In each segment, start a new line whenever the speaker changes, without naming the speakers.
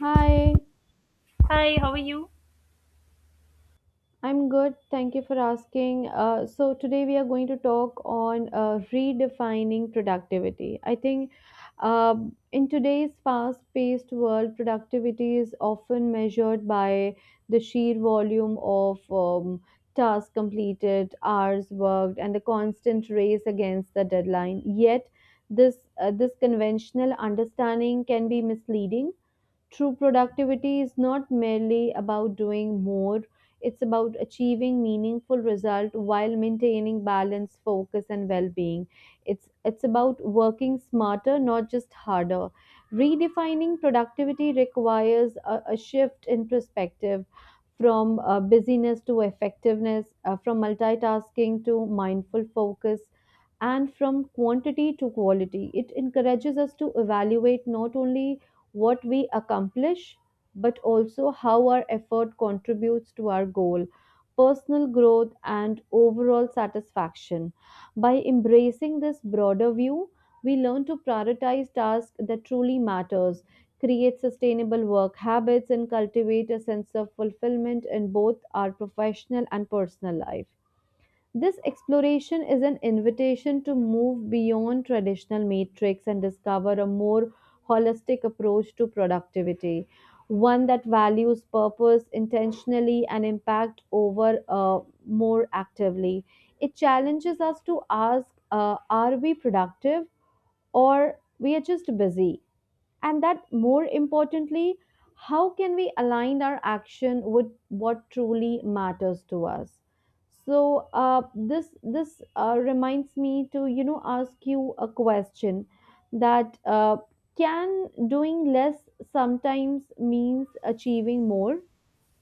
Hi,
Hi, how are you?
I'm good. Thank you for asking. So today we are going to talk on redefining productivity. I think um in today's fast-paced world, productivity is often measured by the sheer volume of tasks completed, hours worked, and the constant race against the deadline. Yet, this conventional understanding can be misleading. True productivity is not merely about doing more, it's about achieving meaningful result while maintaining balance, focus and well-being. It's about working smarter, not just harder. Redefining productivity requires a shift in perspective from busyness to effectiveness, from multitasking to mindful focus and from quantity to quality. It encourages us to evaluate not only what we accomplish, but also how our effort contributes to our goal, personal growth, and overall satisfaction. By embracing this broader view, we learn to prioritize tasks that truly matters, create sustainable work habits, and cultivate a sense of fulfillment in both our professional and personal life. This exploration is an invitation to move beyond traditional matrix and discover a more holistic approach to productivity, one that values purpose intentionally and impact over more actively. It challenges us to ask, are we productive or we are just busy? And that more importantly, how can we align our action with what truly matters to us? So, uh, this reminds me to, you know, ask you a question that, can doing less sometimes means achieving more?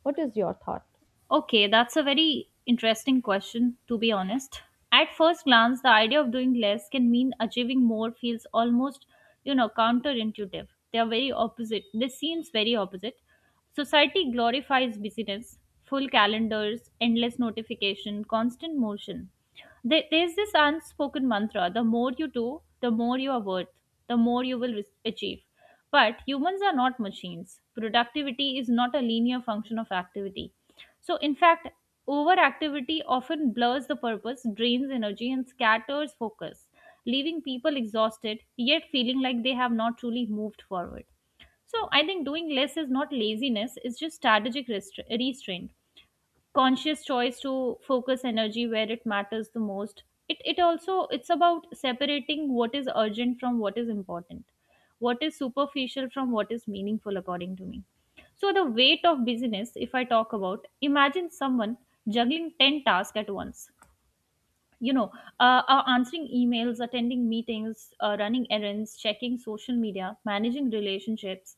What is your thought?
Okay, that's a very interesting question, to be honest. At first glance, the idea of doing less can mean achieving more feels almost, you know, counterintuitive. They are very opposite. This seems very opposite. Society glorifies busyness, full calendars, endless notification, constant motion. There's this unspoken mantra: the more you do, the more you are worth, the more you will achieve. But humans are not machines. Productivity is not a linear function of activity. So, in fact, overactivity often blurs the purpose, drains energy, and scatters focus, leaving people exhausted yet feeling like they have not truly moved forward. So, I think doing less is not laziness, it's just strategic restraint, conscious choice to focus energy where it matters the most. It also, it's about separating what is urgent from what is important, what is superficial from what is meaningful, according to me. So the weight of busyness, if I talk about, imagine someone juggling 10 tasks at once, you know, answering emails, attending meetings, running errands, checking social media, managing relationships,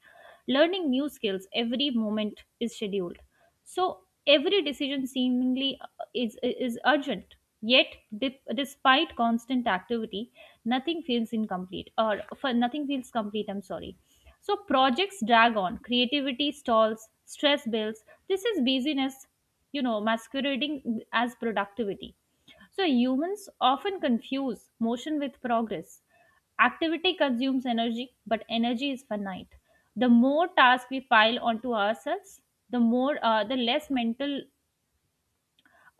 learning new skills, every moment is scheduled. So every decision seemingly is urgent, yet, despite constant activity, nothing feels incomplete, or for nothing feels complete, I'm sorry. So projects drag on, creativity stalls, stress builds. This is busyness, you know, masquerading as productivity. So humans often confuse motion with progress. Activity consumes energy, but energy is finite. The more tasks we pile onto ourselves, the less mental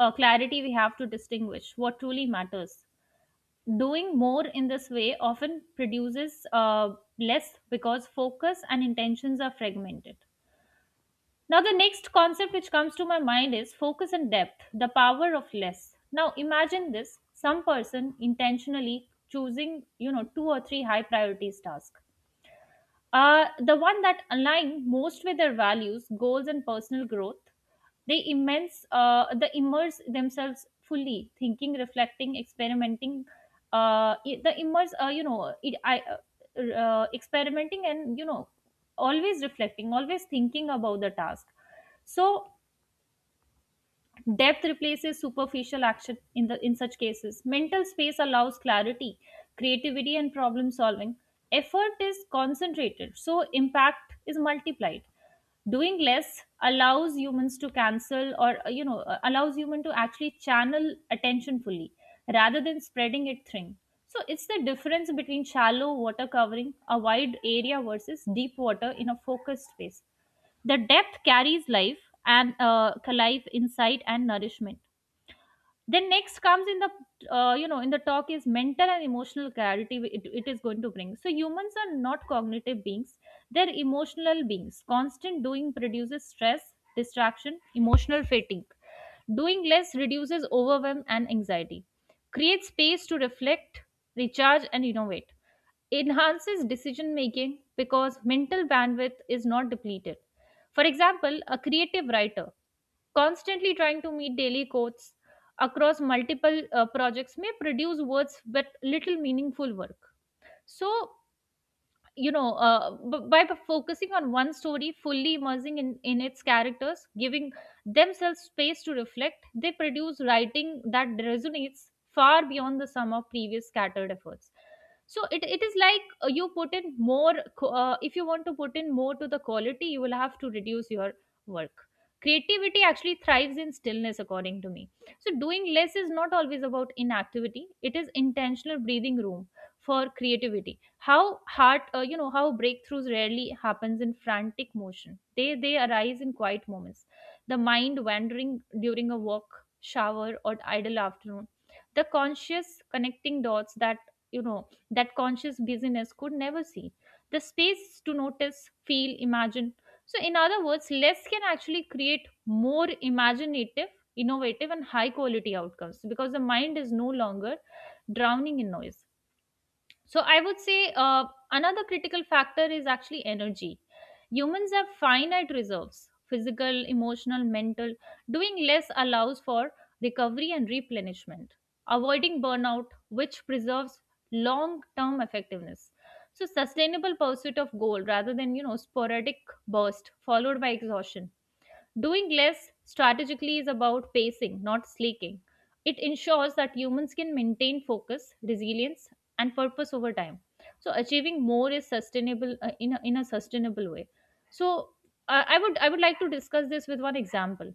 clarity we have to distinguish what truly matters. Doing more in this way often produces less because focus and intentions are fragmented. Now, the next concept which comes to my mind is focus and depth, the power of less. Now, imagine this: some person intentionally choosing, you know, two or three high priorities tasks, the one that align most with their values, goals, and personal growth. They immerse themselves fully, thinking, reflecting, experimenting. I- the immerse, you know, it, I, experimenting, and you know, always reflecting, always thinking about the task. So depth replaces superficial action in such cases. Mental space allows clarity, creativity and problem solving. Effort is concentrated, so impact is multiplied. Doing less allows humans to cancel or you know allows human to actually channel attention fully rather than spreading it thin. So it's the difference between shallow water covering a wide area versus deep water in a focused space. The depth carries life and insight, and nourishment. Then next comes in the, in the talk, is mental and emotional clarity it, it is going to bring. So humans are not cognitive beings, they're emotional beings. Constant doing produces stress, distraction, emotional fatigue. Doing less reduces overwhelm and anxiety, creates space to reflect, recharge and innovate, enhances decision making because mental bandwidth is not depleted. For example, a creative writer constantly trying to meet daily quotes across multiple projects may produce words with little meaningful work. So, you know, by focusing on one story, fully immersing in its characters, giving themselves space to reflect, they produce writing that resonates far beyond the sum of previous scattered efforts. So it is like you put in more if you want to put in more to the quality, you will have to reduce your work. Creativity actually thrives in stillness, according to me. So doing less is not always about inactivity, it is intentional breathing room for creativity. How heart You know how breakthroughs rarely happens in frantic motion. They arise in quiet moments, the mind wandering during a walk, shower or idle afternoon, the conscious connecting dots that, you know, that conscious busyness could never see, the space to notice, feel, imagine. So in other words, less can actually create more imaginative, innovative and high quality outcomes because the mind is no longer drowning in noise. So I would say, another critical factor is actually energy. Humans have finite reserves: physical, emotional, mental. Doing less allows for recovery and replenishment, avoiding burnout, which preserves long term effectiveness. So sustainable pursuit of goal rather than, you know, sporadic burst followed by exhaustion. Doing less strategically is about pacing, not sleeking. It ensures that humans can maintain focus, resilience, and purpose over time. So achieving more is sustainable in a sustainable way. So I would like to discuss this with one example.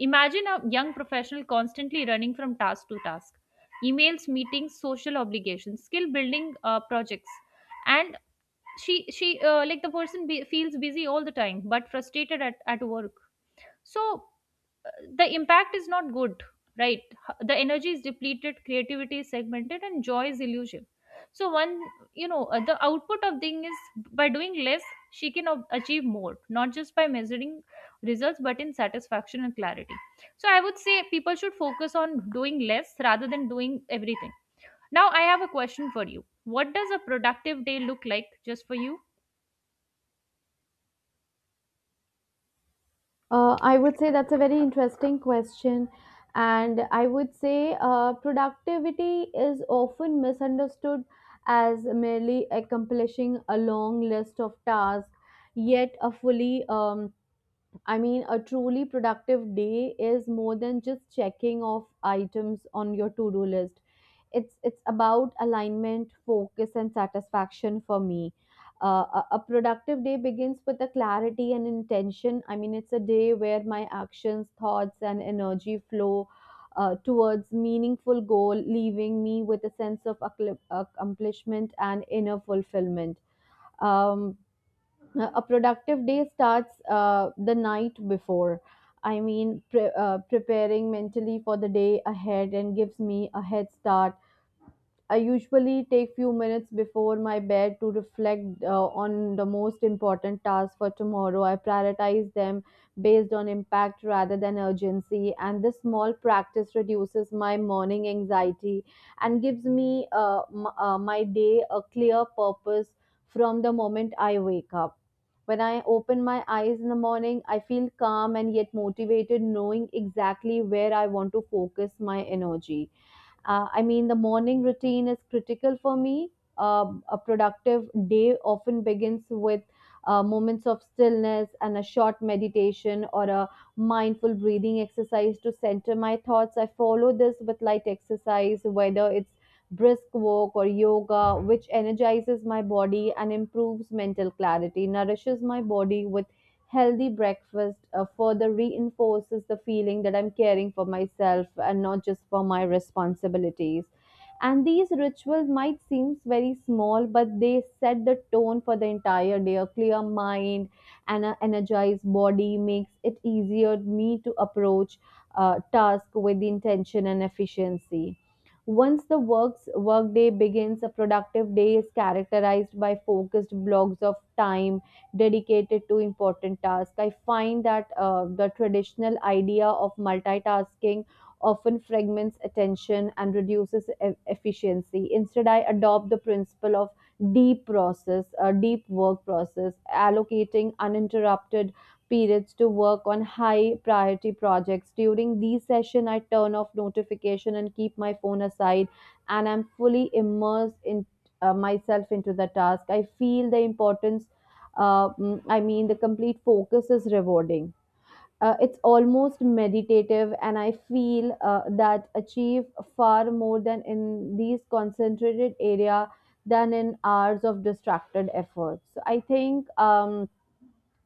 Imagine a young professional constantly running from task to task: emails, meetings, social obligations, skill building projects, and she like the person feels busy all the time but frustrated at work. So the impact is not good, right? The energy is depleted, creativity is segmented and joy is illusion. So one, you know, the output of thing is, by doing less, she can achieve more, not just by measuring results but in satisfaction and clarity. So I would say people should focus on doing less rather than doing everything. Now I have a question for you: what does a productive day look like just for you?
I would say that's a very interesting question. And I would say productivity is often misunderstood as merely accomplishing a long list of tasks. Yet, a fully, I mean, a truly productive day is more than just checking off items on your to do list. It's about alignment, focus and satisfaction for me. A productive day begins with a clarity and intention. I mean, it's a day where my actions, thoughts and energy flow towards meaningful goal, leaving me with a sense of accomplishment and inner fulfillment. Um, a productive day starts the night before. I mean, preparing mentally for the day ahead and gives me a head start. I usually take few minutes before my bed to reflect on the most important tasks for tomorrow. I prioritize them based on impact rather than urgency, and this small practice reduces my morning anxiety and gives me my day a clear purpose from the moment I wake up. When I open my eyes in the morning, I feel calm and yet motivated, knowing exactly where I want to focus my energy. I mean, the morning routine is critical for me. A productive day often begins with moments of stillness and a short meditation or a mindful breathing exercise to center my thoughts. I follow this with light exercise, whether it's brisk walk or yoga, which energizes my body and improves mental clarity, nourishes my body with healthy breakfast. Further reinforces the feeling that I'm caring for myself and not just for my responsibilities. And these rituals might seem very small, but they set the tone for the entire day. A clear mind and an energized body makes it easier me to approach task with intention and efficiency. Once the works workday begins, a productive day is characterized by focused blocks of time dedicated to important tasks. I find that the traditional idea of multitasking often fragments attention and reduces efficiency. Instead, I adopt the principle of deep work process, allocating uninterrupted periods to work on high priority projects. During these sessions, I turn off notification and keep my phone aside, and I'm fully immersed in myself into the task. I feel the importance. I mean, the complete focus is rewarding. It's almost meditative, and I feel that achieve far more than in these concentrated area than in hours of distracted effort. So I think. Um,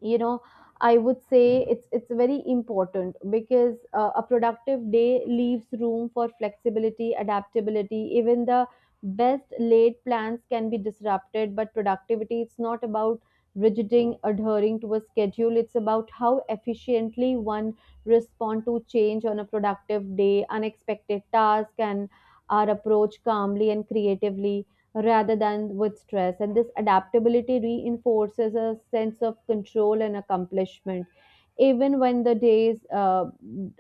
you know I would say it's very important because a productive day leaves room for flexibility, adaptability. Even the best laid plans can be disrupted, but productivity, it's not about rigiding adhering to a schedule. It's about how efficiently one respond to change. On a productive day, unexpected task and our approach calmly and creatively rather than with stress. And this adaptability reinforces a sense of control and accomplishment, even when the days uh,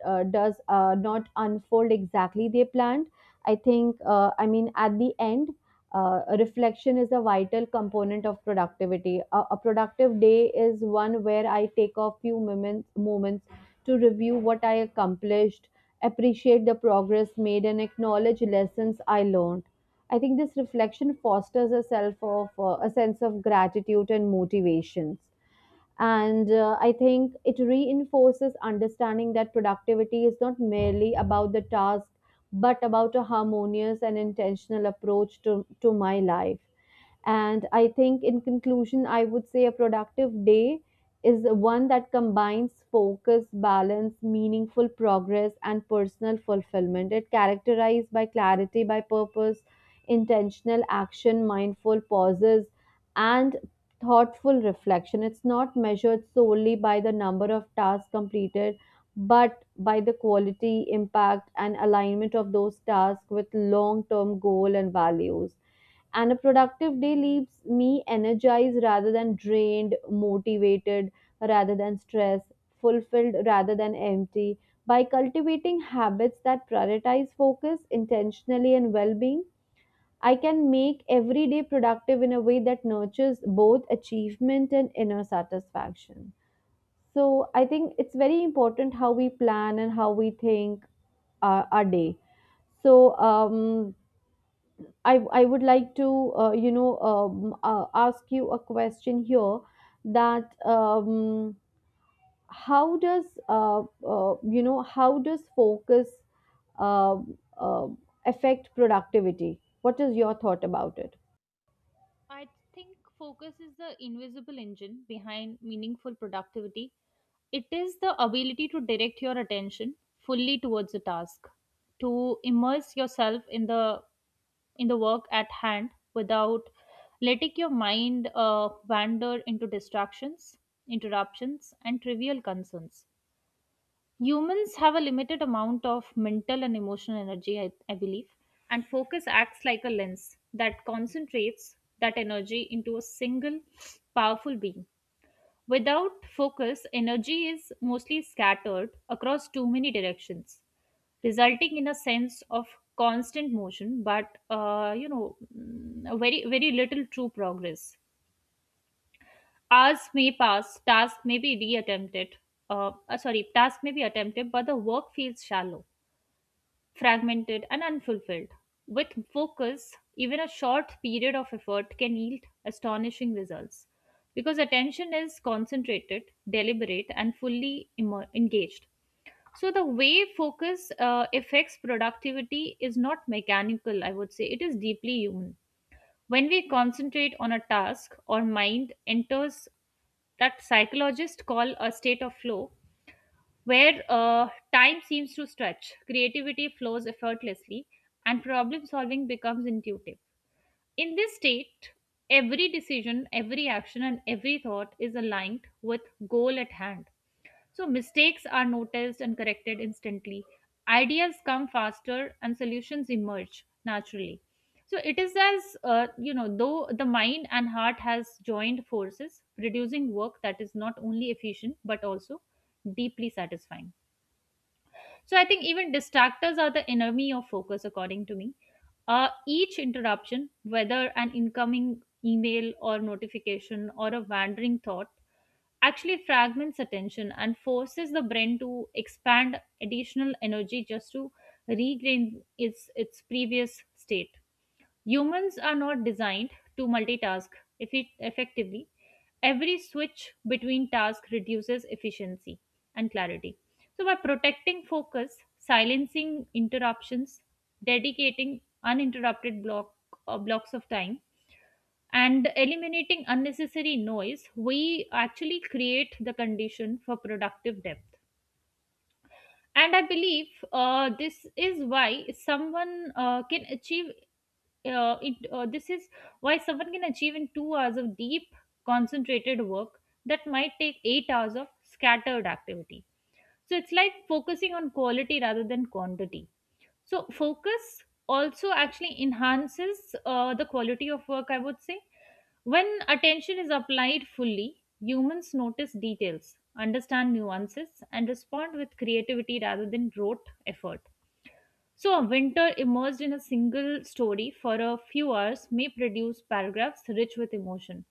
uh, does not unfold exactly they planned. I think, I mean, at the end, reflection is a vital component of productivity. A productive day is one where I take moments to review what I accomplished, appreciate the progress made, and acknowledge lessons I learned. I think this reflection fosters a self of a sense of gratitude and motivations. And I think it reinforces understanding that productivity is not merely about the task, but about a harmonious and intentional approach to my life. And I think, in conclusion, I would say a productive day is one that combines focus, balance, meaningful progress, and personal fulfillment. It characterized by clarity, by purpose, intentional action, mindful pauses, and thoughtful reflection. It's not measured solely by the number of tasks completed, but by the quality, impact, and alignment of those tasks with long term goal and values. And a productive day leaves me energized rather than drained, motivated rather than stressed, fulfilled rather than empty. By cultivating habits that prioritize focus intentionally and well being, I can make every day productive in a way that nurtures both achievement and inner satisfaction. So I think it's very important how we plan and how we think our day. So, I would like to, ask you a question here that, how does, you know, how does focus uh, uh, affect productivity? What is your thought about it?
I think focus is the invisible engine behind meaningful productivity. It is the ability to direct your attention fully towards a task, to immerse yourself in the work at hand without letting your mind wander into distractions, interruptions, and trivial concerns. Humans have a limited amount of mental and emotional energy, I believe, and focus acts like a lens that concentrates that energy into a single powerful beam. Without focus, energy is mostly scattered across too many directions, resulting in a sense of constant motion, but mm, very very little true progress. Hours may pass, task may be reattempted. Sorry, task may be attempted, but the work feels shallow, fragmented, and unfulfilled. With focus, even a short period of effort can yield astonishing results because attention is concentrated, deliberate, and fully engaged. So, the way focus affects productivity is not mechanical, I would say, it is deeply human. When we concentrate on a task, our mind enters that psychologists call a state of flow where time seems to stretch, creativity flows effortlessly, and problem solving becomes intuitive. In this state, every decision, every action, and every thought is aligned with goal at hand. So mistakes are noticed and corrected instantly. Ideas come faster, and solutions emerge naturally. So it is as, though the mind and heart has joined forces, producing work that is not only efficient but also deeply satisfying. So I think even distractors are the enemy of focus, according to me. Each interruption, whether an incoming email or notification or a wandering thought, actually fragments attention and forces the brain to expand additional energy just to regain its previous state. Humans are not designed to multitask effectively. Every switch between tasks reduces efficiency and clarity. So, by protecting focus, silencing interruptions, dedicating blocks of time, and eliminating unnecessary noise, we actually create the condition for productive depth. And I believe, this is why someone can achieve it this is why someone can achieve in 2 hours of deep concentrated work that might take 8 hours of scattered activity. So it's like focusing on quality rather than quantity. So focus also actually enhances the quality of work, I would say. When attention is applied fully, humans notice details, understand nuances, and respond with creativity rather than rote effort. So, a winter immersed in a single story for a few hours may produce paragraphs rich with emotion,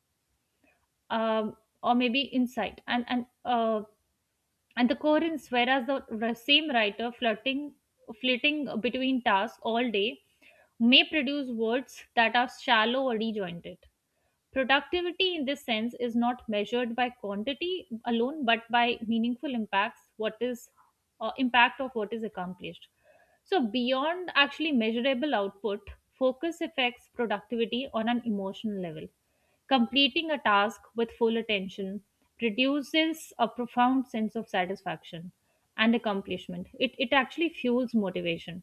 um, or maybe insight, and the coherence. Whereas the same writer flitting between tasks all day, may produce words that are shallow or disjointed. Productivity in this sense is not measured by quantity alone, but by meaningful impacts, what is impact of what is accomplished. So beyond actually measurable output, focus affects productivity on an emotional level. Completing a task with full attention produces a profound sense of satisfaction and accomplishment. It actually fuels motivation,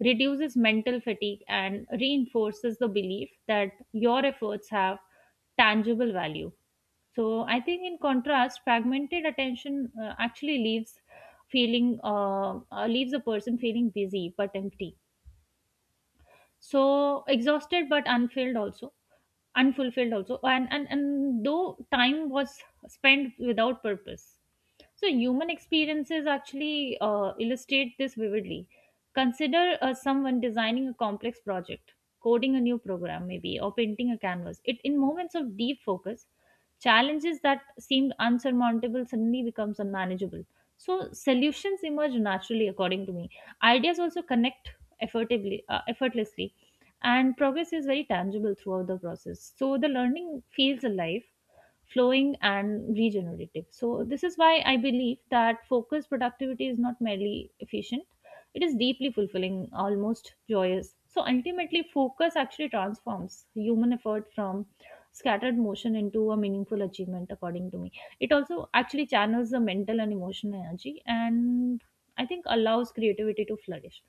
reduces mental fatigue, and reinforces the belief that your efforts have tangible value. So I think, in contrast, fragmented attention actually leaves feeling leaves a person feeling busy but empty. So exhausted but unfilled also unfulfilled also, and and though time was spent without purpose. So, human experiences actually illustrate this vividly. Consider someone designing a complex project, coding a new program, maybe, or painting a canvas. It, in moments of deep focus, challenges that seemed unsurmountable suddenly becomes unmanageable. So, solutions emerge naturally, according to me. Ideas also connect effortlessly, and progress is very tangible throughout the process. So, the learning feels alive, flowing and regenerative. So, this is why I believe that focused productivity is not merely efficient, it is deeply fulfilling, almost joyous. So, ultimately, focus actually transforms human effort from scattered motion into a meaningful achievement, according to me. It also actually channels the mental and emotional energy and I think allows creativity to flourish.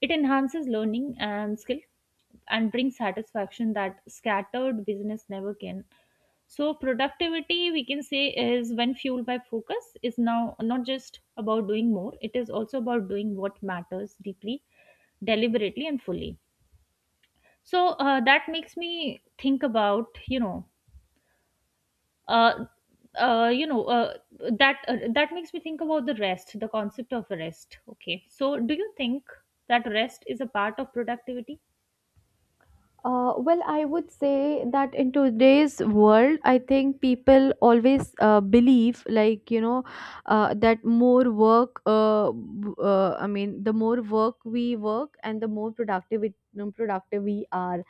It enhances learning and skill and brings satisfaction that scattered business never can. So productivity, we can say, is when fueled by focus is now not just about doing more, it is also about doing what matters deeply, deliberately and fully. So that makes me think about, uh, you know that that makes me think about the rest, the concept of rest. Okay. So do you think that rest is a part of productivity?
Well, I would say that in today's world, I think people always believe, like, you know, that more work, I mean, the more work we work and the more productive, productive we are.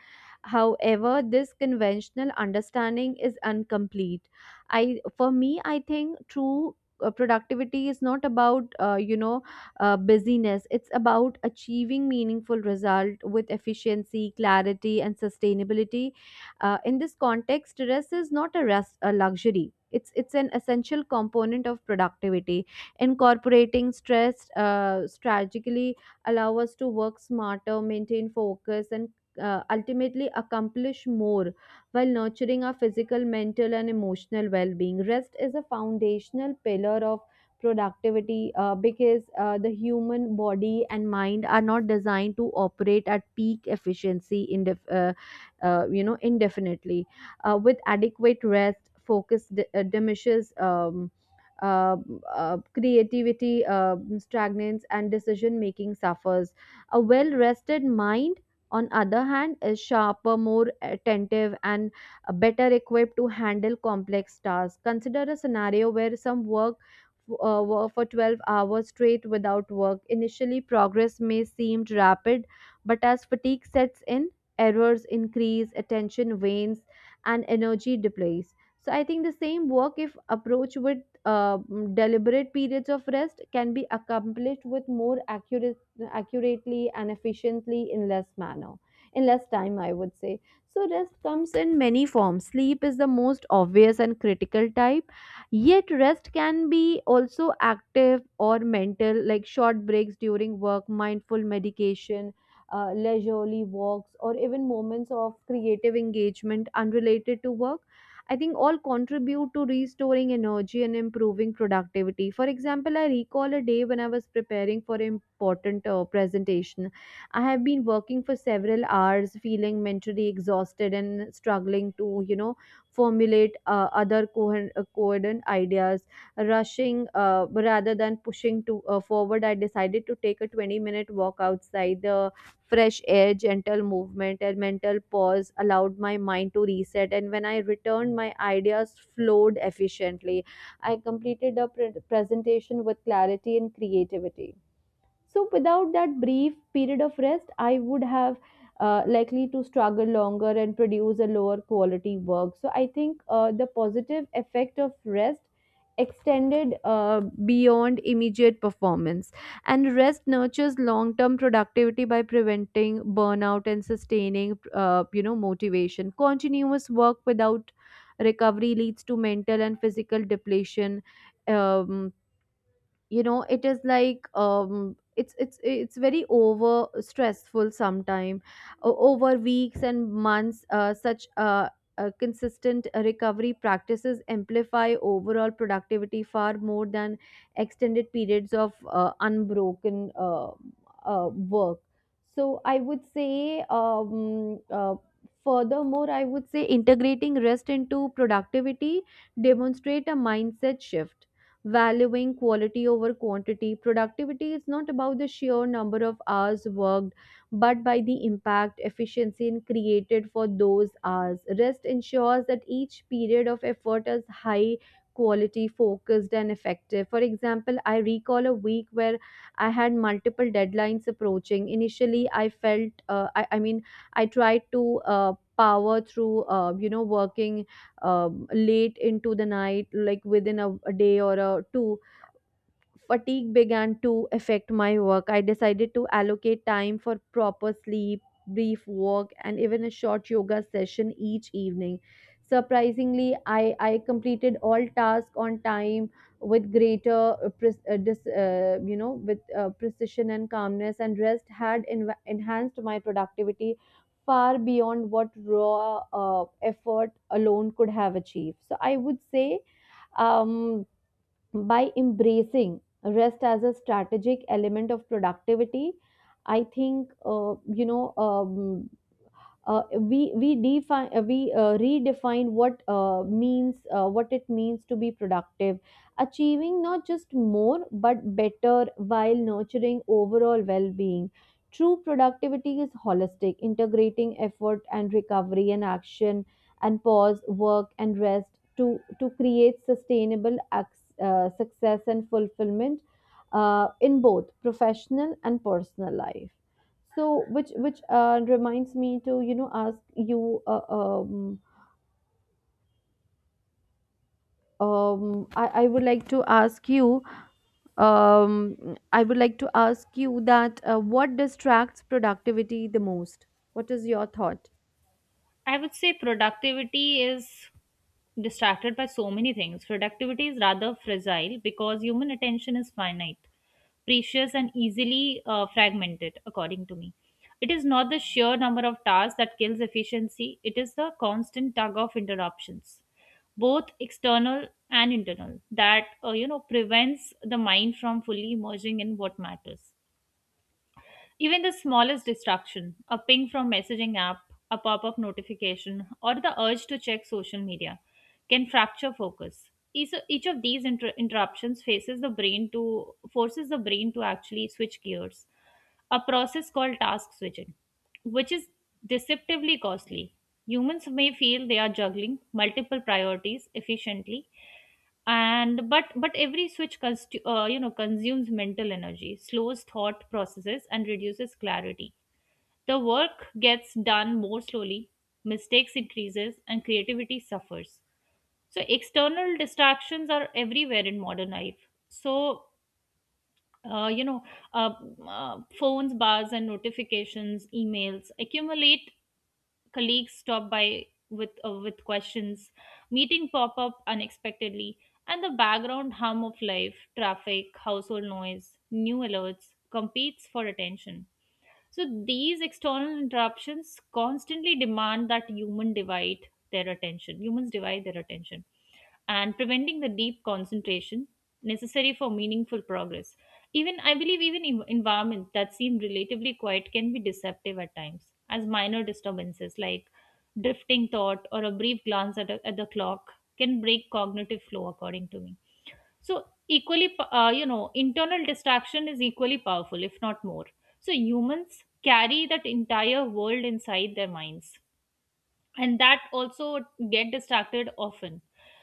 However, this conventional understanding is incomplete. For me, I think true productivity is not about, busyness. It's about achieving meaningful result with efficiency, clarity, and sustainability. In this context, rest is not a rest a luxury. It's an essential component of productivity. Incorporating stress strategically allow us to work smarter, maintain focus, and ultimately accomplish more while nurturing our physical, mental, and emotional well being. Rest is a foundational pillar of productivity because the human body and mind are not designed to operate at peak efficiency indefinitely. With adequate rest, focus diminishes, uh, creativity stagnates and decision making suffers. A well rested mind, on other hand, is sharper, more attentive and better equipped to handle complex tasks. Consider a scenario where some work work for 12 hours straight without work. Initially progress may seem rapid, but as fatigue sets in, errors increase, attention wanes, and energy depletes. So I think the same work, if approached with uh, deliberate periods of rest, can be accomplished with more accuracy accurately and efficiently in less time, I would say. So rest comes in many forms. Sleep is the most obvious and critical type. Yet rest can be also active or mental, like short breaks during work, mindful medication, leisurely walks, or even moments of creative engagement unrelated to work. I think all contribute to restoring energy and improving productivity. For example, I recall a day when I was preparing for an important presentation. I have been working for several hours, feeling mentally exhausted and struggling to, you know, formulate coherent ideas. Rushing Rather than pushing to forward, I decided to take a 20-minute walk outside the Fresh air, gentle movement, and mental pause allowed my mind to reset. And when I returned, my ideas flowed efficiently. I completed the presentation with clarity and creativity. So without that brief period of rest, I would have likely to struggle longer and produce a lower quality work. So I think the positive effect of rest extended beyond immediate performance, and rest nurtures long term productivity by preventing burnout and sustaining, you know, motivation. Continuous work without recovery leads to mental and physical depletion. Um, you know it is like, it's very over stressful sometime. Over weeks and months, such consistent recovery practices amplify overall productivity far more than extended periods of unbroken work. So I would say, furthermore, I would say integrating rest into productivity demonstrate a mindset shift, valuing quality over quantity. Productivity is not about the sheer number of hours worked, but by the impact, efficiency, and created for those hours. Rest ensures that each period of effort is high quality, focused, and effective. For example, I recall a week where I had multiple deadlines approaching. Initially, I felt, I mean, I tried to power through, you know, working late into the night, like within a day or a two. Fatigue began to affect my work. I decided to allocate time for proper sleep, brief walk, and even a short yoga session each evening. Surprisingly, I completed all tasks on time with greater pres- dis, you know with precision and calmness, and rest had enhanced my productivity far beyond what raw effort alone could have achieved. So I would say, um, by embracing rest as a strategic element of productivity, I think, you know we define we redefine what means what it means to be productive, achieving not just more but better while nurturing overall well-being. True productivity is holistic, integrating effort and recovery and action and pause, work and rest, to create sustainable success and fulfillment in both professional and personal life. So, which reminds me to, you know, ask you, I would like to ask you, I would like to ask you that, what distracts productivity the most? What is your thought?
I would say productivity is distracted by so many things. Productivity is rather fragile because human attention is finite, precious, and easily fragmented, according to me. It is not the sheer number of tasks that kills efficiency, it is the constant tug of interruptions, both external and internal, that prevents the mind from fully emerging in what matters. Even the smallest distraction, a ping from messaging app, a pop-up notification, or the urge to check social media can fracture focus. Each of these inter- interruptions faces the brain to forces the brain to actually switch gears, a process called task switching, which is deceptively costly. Humans may feel they are juggling multiple priorities efficiently, and but every switch consumes mental energy, slows thought processes and reduces clarity. The work gets done more slowly, mistakes increases and creativity suffers. So external distractions are everywhere in modern life. Uh, you know uh, Phones bars and notifications, emails accumulate, colleagues stop by with questions, meeting pop up unexpectedly, and the background hum of life, traffic, household noise, new alerts competes for attention. So these external interruptions constantly demand that human divide their attention. Humans divide their attention and preventing the deep concentration necessary for meaningful progress. Even I believe even environment that seem relatively quiet can be deceptive at times as minor disturbances like drifting thought or a brief glance at, a, at the clock can break cognitive flow, according to me. So equally internal distraction is equally powerful if not more. So humans carry that entire world inside their minds and that also get distracted often.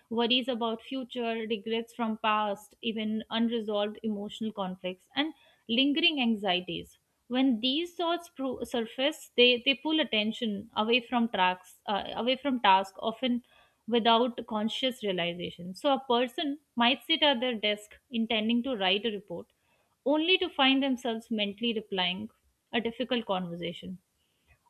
Worries about future, regrets from past, even unresolved emotional conflicts and lingering anxieties, when these thoughts surface, they pull attention away from tracks away from task often without conscious realization. So a person might sit at their desk intending to write a report only to find themselves mentally replying a difficult conversation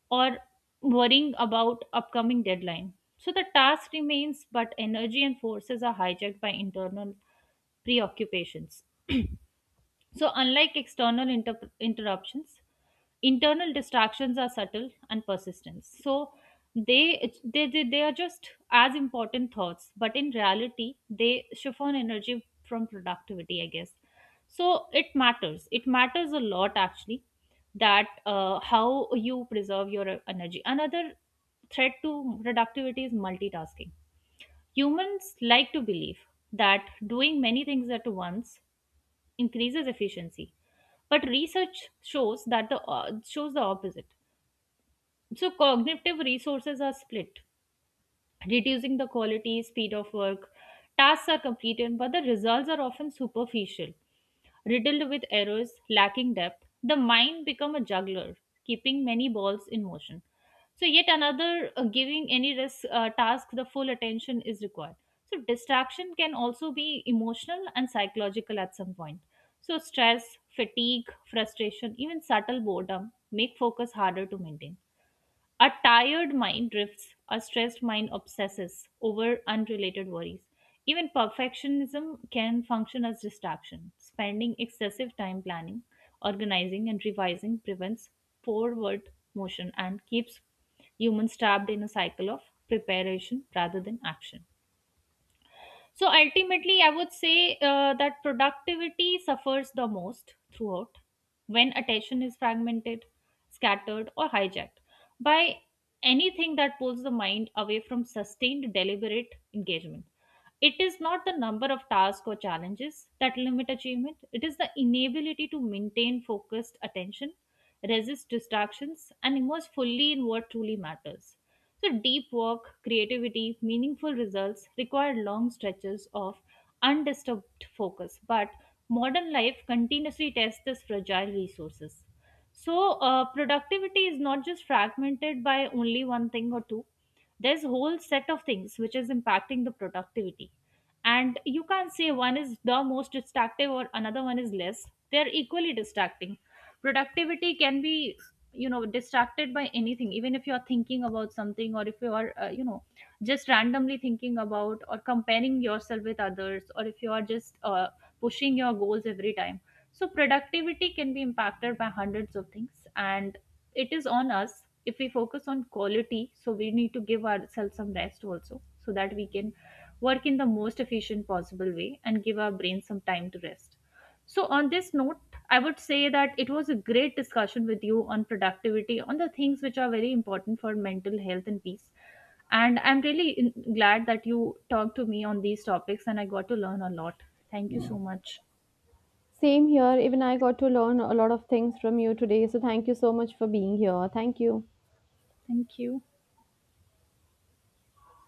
or worrying about upcoming deadline. So the task remains, but energy and forces are hijacked by internal preoccupations. So, unlike external interruptions, internal distractions are subtle and persistent. So, they are just as important thoughts, but in reality, they chiffon energy from productivity, I guess. So, it matters. It matters a lot actually, that how you preserve your energy. Another threat to productivity is multitasking. Humans like to believe that doing many things at once increases efficiency, but research shows that the shows the opposite. So cognitive resources are split, reducing the quality speed of work. Tasks are completed but the results are often superficial, riddled with errors, lacking depth, the mind become a juggler, keeping many balls in motion. So yet another giving any risk task the full attention is required. So distraction can also be emotional and psychological at some point. So stress, fatigue, frustration, even subtle boredom make focus harder to maintain. A tired mind drifts, a stressed mind obsesses over unrelated worries. Even perfectionism can function as distraction. Spending excessive time planning, organizing, and revising prevents forward motion and keeps humans trapped in a cycle of preparation rather than action. So ultimately, I would say that productivity suffers the most throughout when attention is fragmented, scattered, or hijacked by anything that pulls the mind away from sustained, deliberate engagement. It is not the number of tasks or challenges that limit achievement, it is the inability to maintain focused attention, resist distractions, and immerse fully in what truly matters. So, deep work, creativity, meaningful results require long stretches of undisturbed focus, but modern life continuously tests this fragile resources. So, productivity is not just fragmented by only one thing or two. There's a whole set of things which is impacting the productivity. And you can't say one is the most distractive or another one is less. They're equally distracting. Productivity can be, you know, distracted by anything, even if you are thinking about something or if you are just randomly thinking about or comparing yourself with others, or if you are just pushing your goals every time. So productivity can be impacted by hundreds of things and it is on us. If we focus on quality, so we need to give ourselves some rest also so that we can work in the most efficient possible way and give our brain some time to rest. So, on this note, I would say that it was a great discussion with you on productivity, on the things which are very important for mental health and peace. And I'm really glad that you talked to me on these topics and I got to learn a lot. Thank you so much.
Same here. Even I got to learn a lot of things from you today. So thank you so much for being here. Thank you.
Thank you.